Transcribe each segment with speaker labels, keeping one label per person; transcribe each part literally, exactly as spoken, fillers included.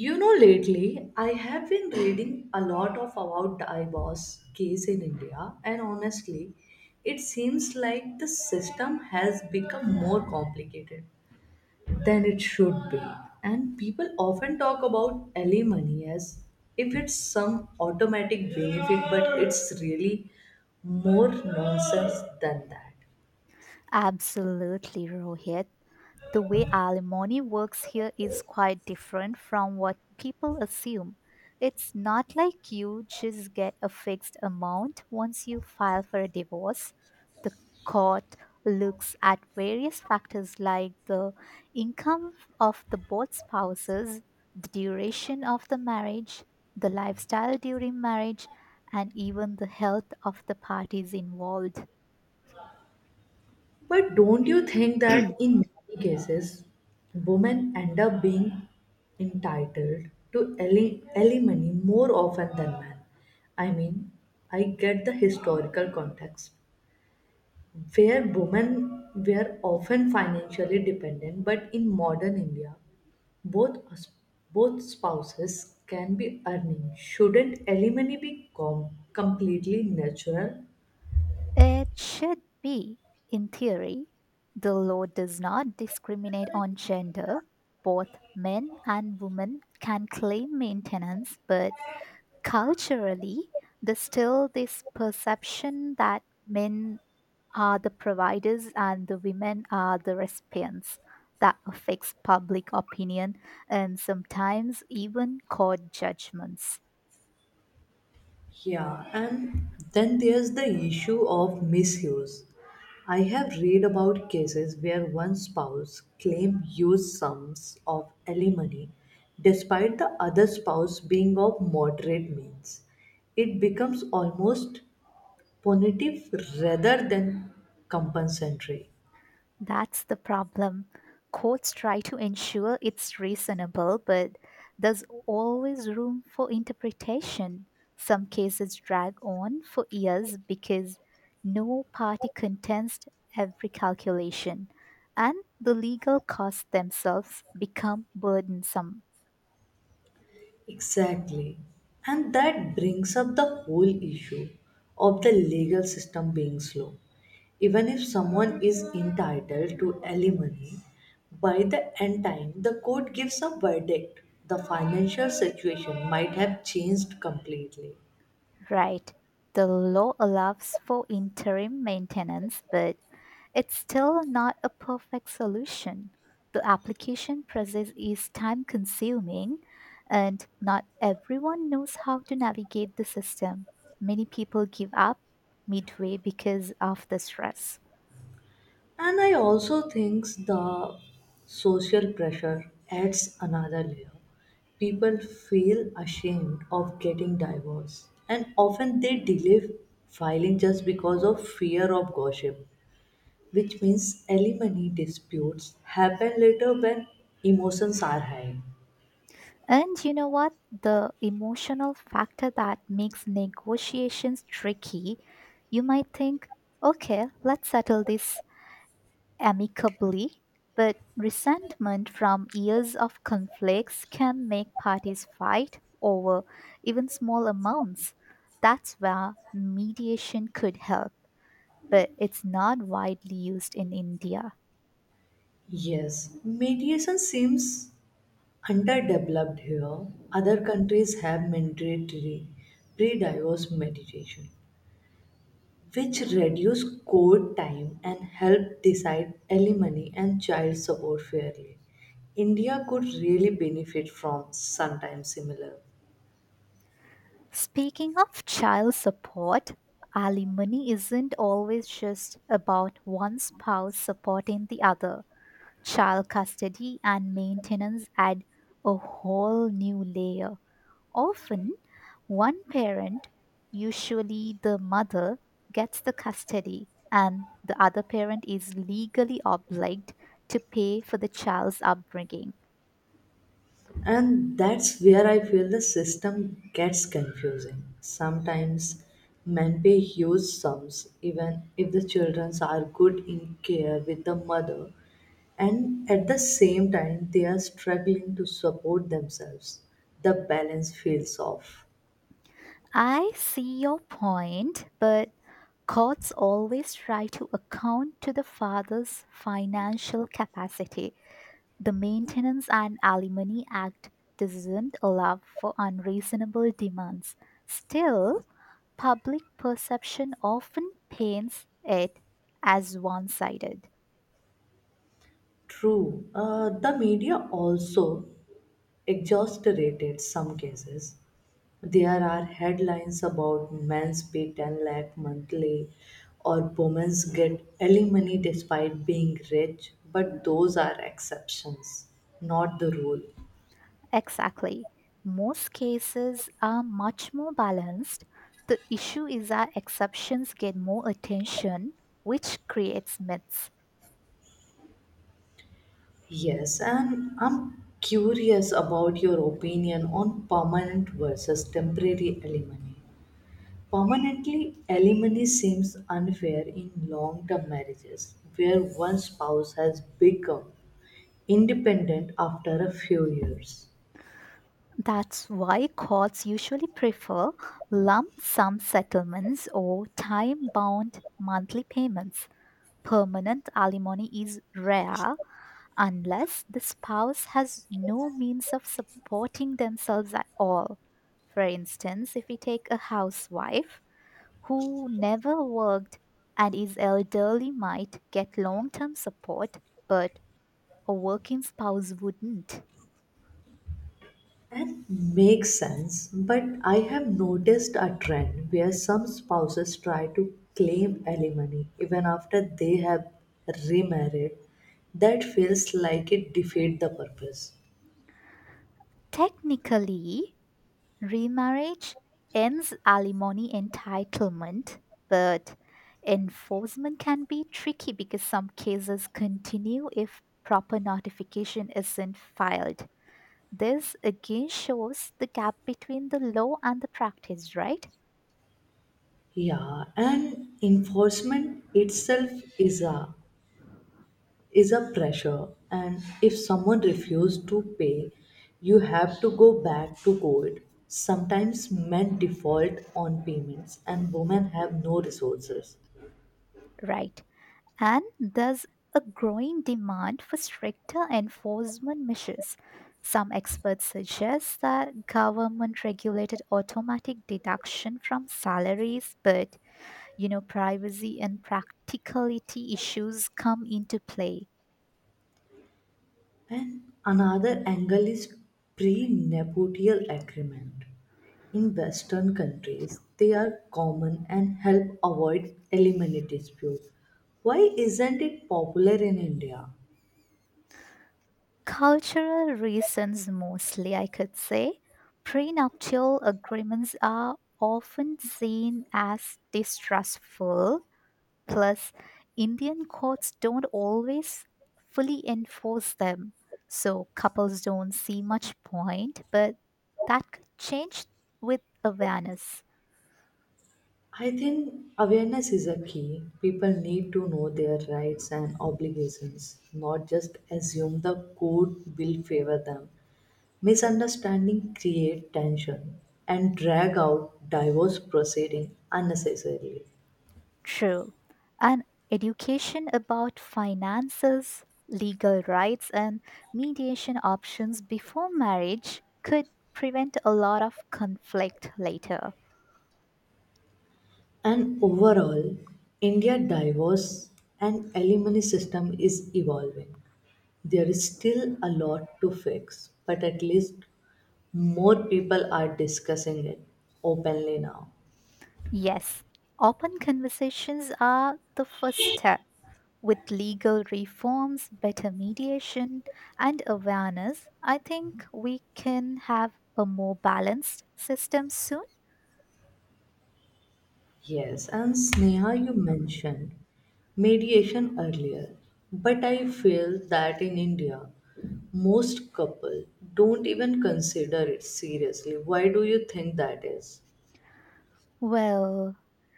Speaker 1: You know, lately I have been reading a lot of about the I B O S case in India, and honestly, it seems like the system has become more complicated than it should be. And people often talk about L A money as if it's some automatic benefit, but it's really more nonsense than that.
Speaker 2: Absolutely, Rohit. The way alimony works here is quite different from what people assume. It's not like you just get a fixed amount once you file for a divorce. The court looks at various factors like the income of the both spouses, the duration of the marriage, the lifestyle during marriage, and even the health of the parties involved.
Speaker 1: But don't you think that in many cases, women end up being entitled to ali- alimony more often than men? I mean, I get the historical context where women were often financially dependent, but in modern India, both us- both spouses can be earning. Shouldn't alimony be com- completely natural?
Speaker 2: It should be, in theory. The law does not discriminate on gender. Both men and women can claim maintenance, but culturally, there's still this perception that men are the providers and the women are the recipients. That affects public opinion and sometimes even court judgments.
Speaker 1: Yeah, and then there's the issue of misuse. I have read about cases where one spouse claimed huge sums of alimony despite the other spouse being of moderate means. It becomes almost punitive rather than compensatory.
Speaker 2: That's the problem. Courts try to ensure it's reasonable, but there's always room for interpretation. Some cases drag on for years because no party contends every calculation, and the legal costs themselves become burdensome.
Speaker 1: Exactly. And that brings up the whole issue of the legal system being slow. Even if someone is entitled to alimony, by the end time the court gives a verdict, the financial situation might have changed completely.
Speaker 2: Right. The law allows for interim maintenance, but it's still not a perfect solution. The application process is time consuming, and not everyone knows how to navigate the system. Many people give up midway because of the stress.
Speaker 1: And I also think the social pressure adds another layer. People feel ashamed of getting divorced, and often they delay filing just because of fear of gossip, which means alimony disputes happen later when emotions are high.
Speaker 2: And you know what? The emotional factor that makes negotiations tricky. You might think, okay, let's settle this amicably, but resentment from years of conflicts can make parties fight over even small amounts. That's where mediation could help, but it's not widely used in India.
Speaker 1: Yes, mediation seems underdeveloped here. Other countries have mandatory pre divorce mediation, which reduce court time and help decide alimony and child support fairly. India could really benefit from sometimes similar.
Speaker 2: Speaking of child support, alimony isn't always just about one spouse supporting the other. Child custody and maintenance add a whole new layer. Often, one parent, usually the mother, gets the custody, and the other parent is legally obliged to pay for the child's upbringing.
Speaker 1: And that's where I feel the system gets confusing. Sometimes men pay huge sums even if the children are good in care with the mother and at the same time they are struggling to support themselves. The balance feels off.
Speaker 2: I see your point, but courts always try to account to the father's financial capacity. The Maintenance and Alimony Act doesn't allow for unreasonable demands. Still, public perception often paints it as one sided.
Speaker 1: True. Uh, the media also exaggerated some cases. There are headlines about men's pay 10 lakh monthly or women's get alimony despite being rich, but those are exceptions, not the rule.
Speaker 2: Exactly. Most cases are much more balanced. The issue is that exceptions get more attention, which creates myths.
Speaker 1: Yes, and I'm curious about your opinion on permanent versus temporary alimony. Permanently alimony seems unfair in long term marriages where one spouse has become independent after a few years.
Speaker 2: That's why courts usually prefer lump sum settlements or time bound monthly payments. Permanent alimony is rare unless the spouse has no means of supporting themselves at all. For instance, if we take a housewife who never worked and is elderly, might get long term support, but a working spouse wouldn't.
Speaker 1: And makes sense, but I have noticed a trend where some spouses try to claim alimony even after they have remarried. That feels like it defeats the purpose.
Speaker 2: Technically, remarriage ends alimony entitlement, but enforcement can be tricky because some cases continue if proper notification isn't filed. This again shows the gap between the law and the practice, right?
Speaker 1: Yeah, and enforcement itself is a is a pressure. And if someone refused to pay, you have to go back to court. Sometimes men default on payments and women have no resources.
Speaker 2: Right. And there's a growing demand for stricter enforcement measures. Some experts suggest that government regulated automatic deduction from salaries, but you know, privacy and practicality issues come into play.
Speaker 1: And another angle is pre-nuptial agreement. In western countries they are common and help avoid alimony dispute. Why isn't it popular in India?
Speaker 2: Cultural reasons mostly, I could say. Prenuptial agreements are often seen as distrustful, plus, Indian courts don't always fully enforce them, so couples don't see much point, but that could change with awareness.
Speaker 1: I think awareness is a key. People need to know their rights and obligations, not just assume the code will favor them. Misunderstanding create tension and drag out divorce proceeding unnecessarily.
Speaker 2: True. And education about finances, legal rights, and mediation options before marriage could prevent a lot of conflict later.
Speaker 1: And overall, India divorce and alimony system is evolving. There is still a lot to fix, but at least more people are discussing it openly now.
Speaker 2: Yes, open conversations are the first step. With legal reforms, better mediation, and awareness, I think we can have a more balanced system soon.
Speaker 1: Yes, and Sneha, you mentioned mediation earlier, but I feel that in India, most couple don't even consider it seriously. Why do you think that is?
Speaker 2: Well,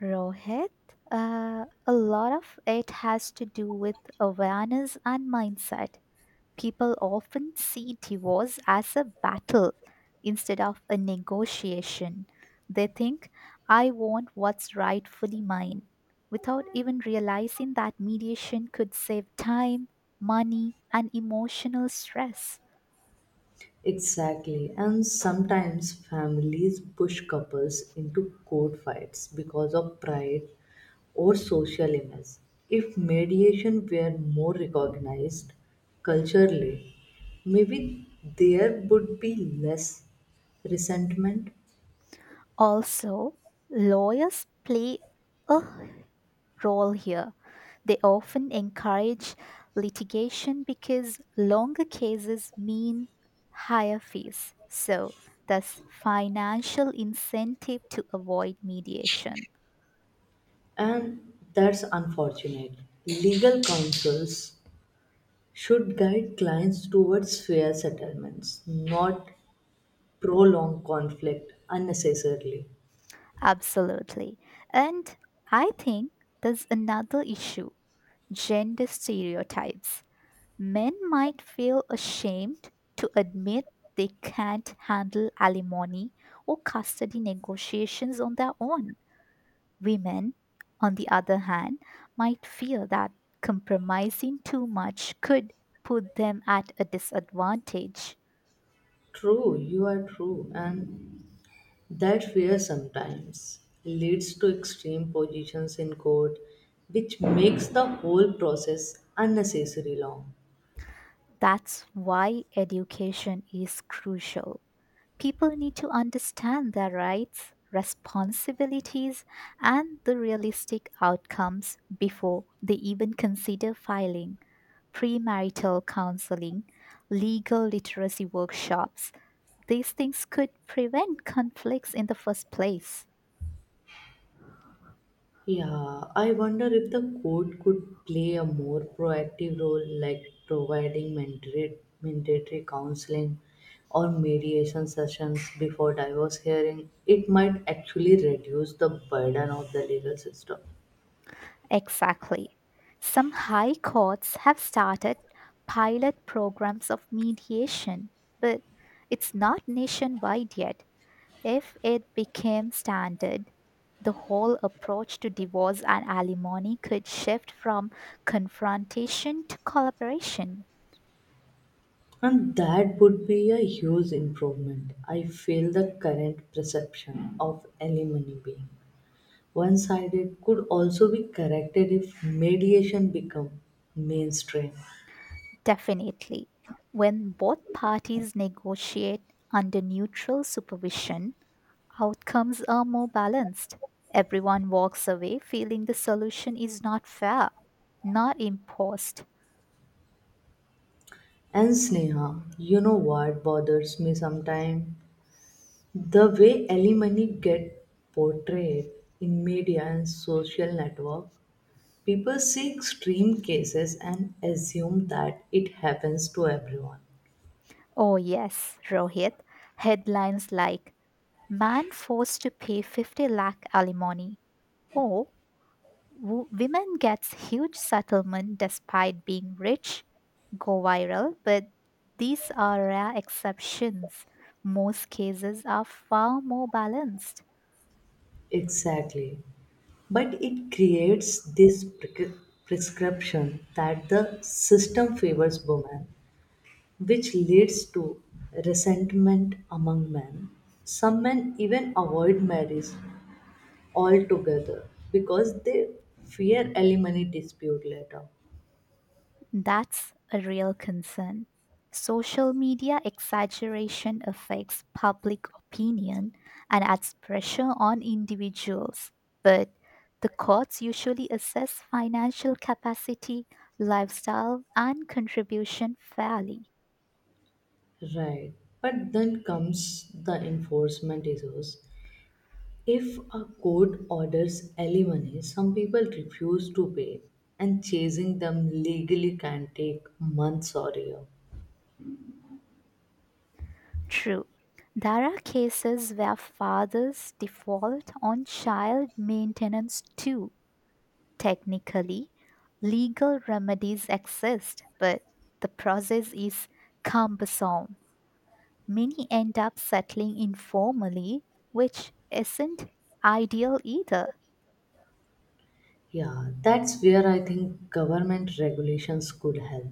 Speaker 2: Rohit, uh, a lot of it has to do with awareness and mindset. People often see divorce as a battle instead of a negotiation. They think, I want what's rightfully mine, without even realizing that mediation could save time, money, and emotional stress.
Speaker 1: Exactly, and sometimes families push couples into court fights because of pride or social image. If mediation were more recognized culturally, maybe there would be less resentment.
Speaker 2: Also, lawyers play a role here. They often encourage litigation because longer cases mean higher fees. So, thus, financial incentive to avoid mediation.
Speaker 1: And that's unfortunate. Legal counsels should guide clients towards fair settlements, not prolong conflict unnecessarily.
Speaker 2: Absolutely. And I think there's another issue, gender stereotypes. Men might feel ashamed to admit they can't handle alimony or custody negotiations on their own. Women, on the other hand, might feel that compromising too much could put them at a disadvantage.
Speaker 1: True, you are true, and that fear sometimes leads to extreme positions in court, which makes the whole process unnecessarily long.
Speaker 2: That's why education is crucial. People need to understand their rights, responsibilities, and the realistic outcomes before they even consider filing. Premarital counseling, legal literacy workshops, these things could prevent conflicts in the first place.
Speaker 1: Yeah, I wonder if the court could play a more proactive role, like providing mandatory, mandatory counseling or mediation sessions before divorce hearing. It might actually reduce the burden of the legal system.
Speaker 2: Exactly. Some high courts have started pilot programs of mediation, but it's not nationwide yet. If it became standard, the whole approach to divorce and alimony could shift from confrontation to collaboration.
Speaker 1: And that would be a huge improvement. I feel the current perception of alimony being one sided could also be corrected if mediation become mainstream.
Speaker 2: Definitely. When both parties negotiate under neutral supervision, outcomes are more balanced. Everyone walks away feeling the solution is not fair, not imposed.
Speaker 1: And Sneha, you know what bothers me sometimes? The way alimony get portrayed in media and social network, people see extreme cases and assume that it happens to everyone.
Speaker 2: Oh, yes, Rohit. Headlines like "Man forced to pay fifty lakh alimony," or "Wo- Women gets huge settlement despite being rich" go viral, but these are rare exceptions. Most cases are far more balanced.
Speaker 1: Exactly. But it creates this pre- prescription that the system favors women, which leads to resentment among men. Some men even avoid marriage altogether because they fear alimony dispute later.
Speaker 2: That's a real concern. Social media exaggeration affects public opinion and adds pressure on individuals. But the courts usually assess financial capacity, lifestyle, and contribution fairly.
Speaker 1: Right. But then comes the enforcement issues. If a court orders alimony, some people refuse to pay, and chasing them legally can take months or years.
Speaker 2: True, there are cases where fathers default on child maintenance too. Technically, legal remedies exist, but the process is cumbersome. Many end up settling informally, which isn't ideal either.
Speaker 1: Yeah, that's where I think government regulations could help,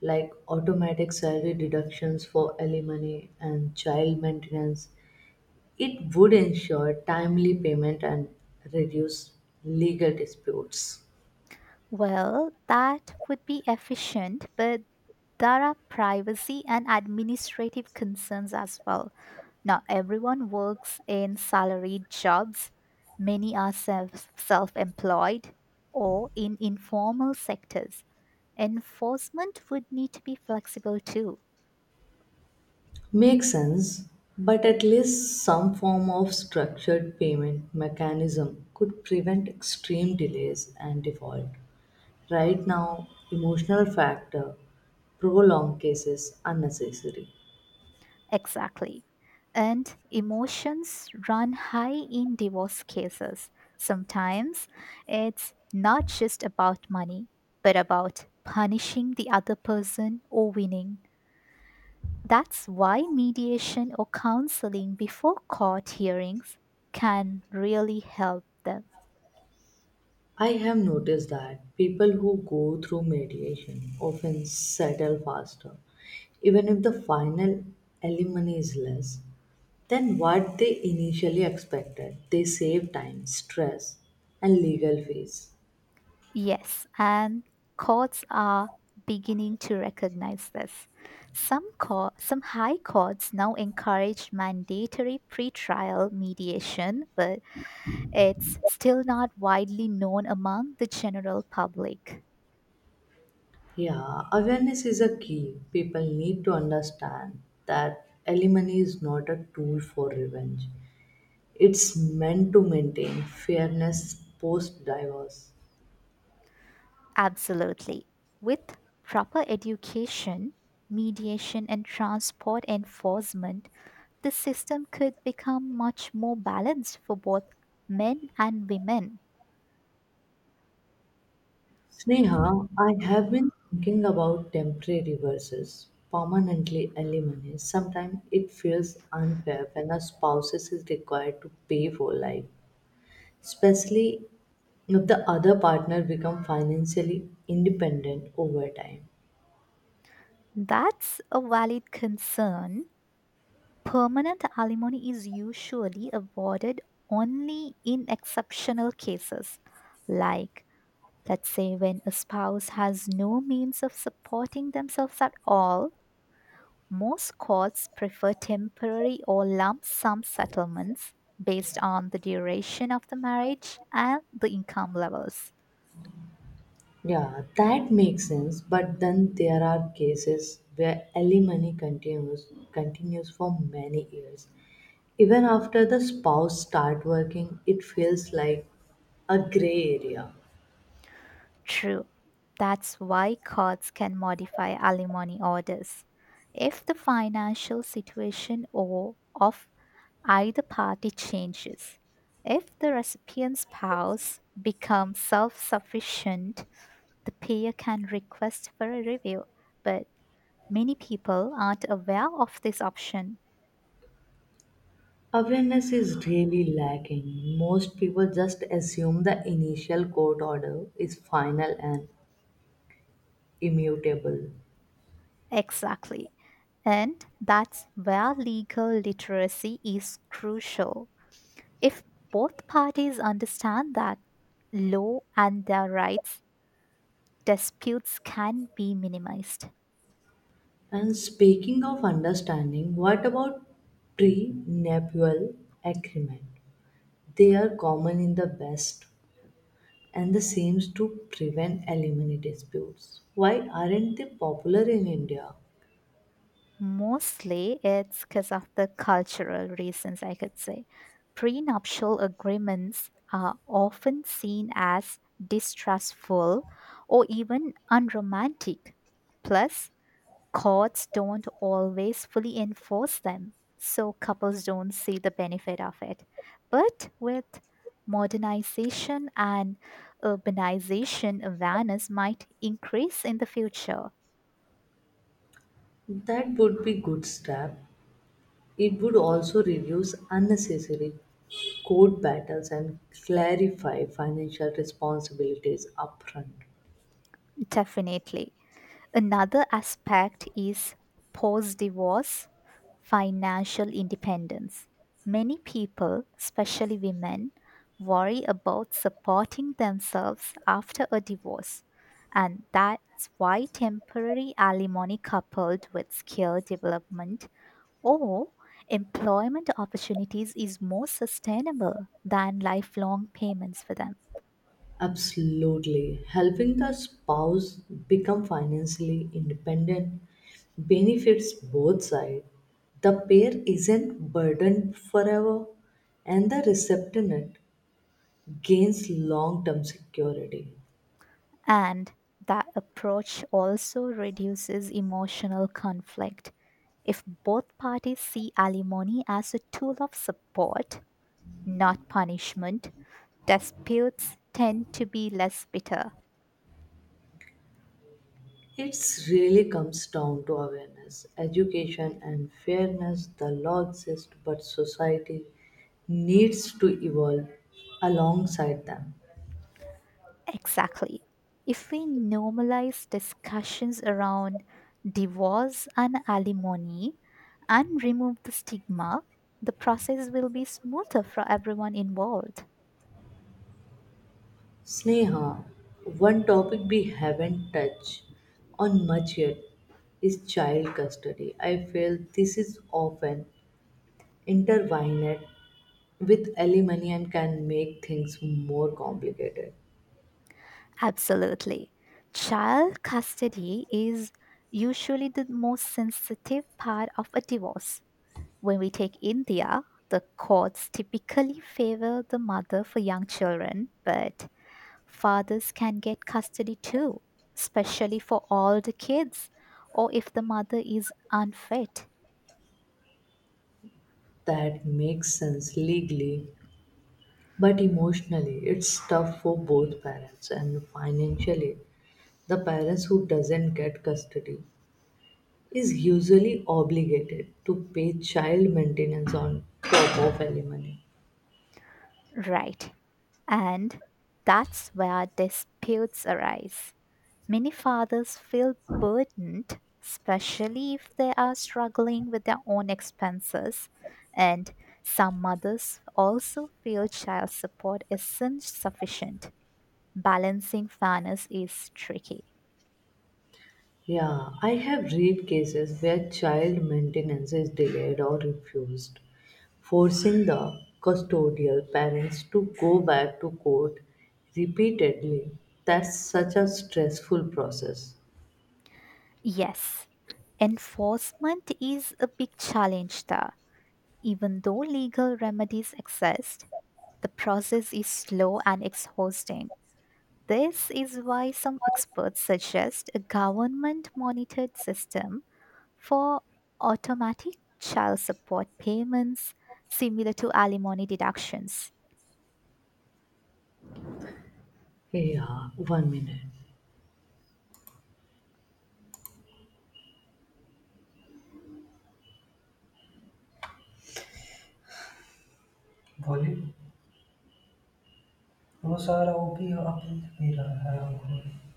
Speaker 1: like automatic salary deductions for alimony and child maintenance. It would ensure timely payment and reduce legal disputes.
Speaker 2: Well, that would be efficient, but there are privacy and administrative concerns as well. Not everyone works in salaried jobs, many are self employed or in informal sectors. Enforcement would need to be flexible too.
Speaker 1: Makes sense, but at least some form of structured payment mechanism could prevent extreme delays and default. Right now, emotional factor prolong cases unnecessary.
Speaker 2: Exactly. And emotions run high in divorce cases. Sometimes it's not just about money, but about punishing the other person or winning. That's why mediation or counseling before court hearings can really help them.
Speaker 1: I have noticed that people who go through mediation often settle faster, even if the final alimony is less than what they initially expected. They save time, stress, and legal fees.
Speaker 2: Yes, and courts are beginning to recognize this. Some cour- some high courts now encourage mandatory pretrial mediation, but it's still not widely known among the general public.
Speaker 1: Yeah, awareness is a key. People need to understand that alimony is not a tool for revenge. It's meant to maintain fairness post divorce.
Speaker 2: Absolutely. With proper education, mediation and transport enforcement, the system could become much more balanced for both men and women.
Speaker 1: Sneha, I have been thinking about temporary versus permanently alimony. Sometimes it feels unfair when a spouse is required to pay for life, especially if the other partner becomes financially independent over time.
Speaker 2: That's a valid concern. Permanent alimony is usually awarded only in exceptional cases, like, let's say, when a spouse has no means of supporting themselves at all. Most courts prefer temporary or lump sum settlements based on the duration of the marriage and the income levels.
Speaker 1: Yeah, that makes sense. But then there are cases where alimony continues continues for many years. Even after the spouse start working, it feels like a gray area.
Speaker 2: True. That's why courts can modify alimony orders. If the financial situation or of either party changes, if the recipient's spouse becomes self sufficient, the payer can request for a review. But many people aren't aware of this option.
Speaker 1: Awareness is really lacking. Most people just assume the initial court order is final and immutable.
Speaker 2: Exactly. And that's where legal literacy is crucial. If both parties understand that law and their rights, disputes can be minimized.
Speaker 1: And speaking of understanding, what about prenuptial agreement? They are common in the West, and the seems to prevent alimony disputes. Why aren't they popular in India?
Speaker 2: Mostly it's because of the cultural reasons, I could say. Prenuptial agreements are often seen as distrustful or even unromantic. Plus, courts don't always fully enforce them, so couples don't see the benefit of it. But with modernization and urbanization, awareness might increase in the future.
Speaker 1: That would be good step. It would also reduce unnecessary court battles and clarify financial responsibilities upfront.
Speaker 2: Definitely. Another aspect is post divorce financial independence. Many people, especially women, worry about supporting themselves after a divorce, and that's why temporary alimony coupled with skill development or employment opportunities is more sustainable than lifelong payments for them.
Speaker 1: Absolutely. Helping the spouse become financially independent benefits both sides. The pair isn't burdened forever, and the recipient gains long term security.
Speaker 2: And that approach also reduces emotional conflict. If both parties see alimony as a tool of support, not punishment, disputes tend to be less bitter.
Speaker 1: It really comes down to awareness, education, and fairness. The law exists, but society needs to evolve alongside them.
Speaker 2: Exactly. If we normalize discussions around divorce and alimony and remove the stigma, the process will be smoother for everyone involved.
Speaker 1: Sneha, one topic we haven't touched on much yet is child custody. I feel this is often intertwined with alimony and can make things more complicated.
Speaker 2: Absolutely. Child custody is usually the most sensitive part of a divorce. When we take India, the courts typically favor the mother for young children, but fathers can get custody too, especially for older kids or if the mother is unfit.
Speaker 1: That makes sense legally, but emotionally, it's tough for both parents, and financially, the parents who doesn't get custody is usually obligated to pay child maintenance on top of alimony.
Speaker 2: Right. And that's where disputes arise. Many fathers feel burdened, especially if they are struggling with their own expenses, and some mothers also feel child support isn't sufficient. Balancing fairness is tricky.
Speaker 1: Yeah, I have read cases where child maintenance is delayed or refused, forcing the custodial parents to go back to court repeatedly. That's such a stressful process.
Speaker 2: Yes, enforcement is a big challenge there. Even though legal remedies exist, the process is slow and exhausting. This is why some experts suggest a government monitored system for automatic child support payments similar to alimony deductions.
Speaker 1: Yeah, one minute. Volume. Nos, arra úgy a kivélem, hogy.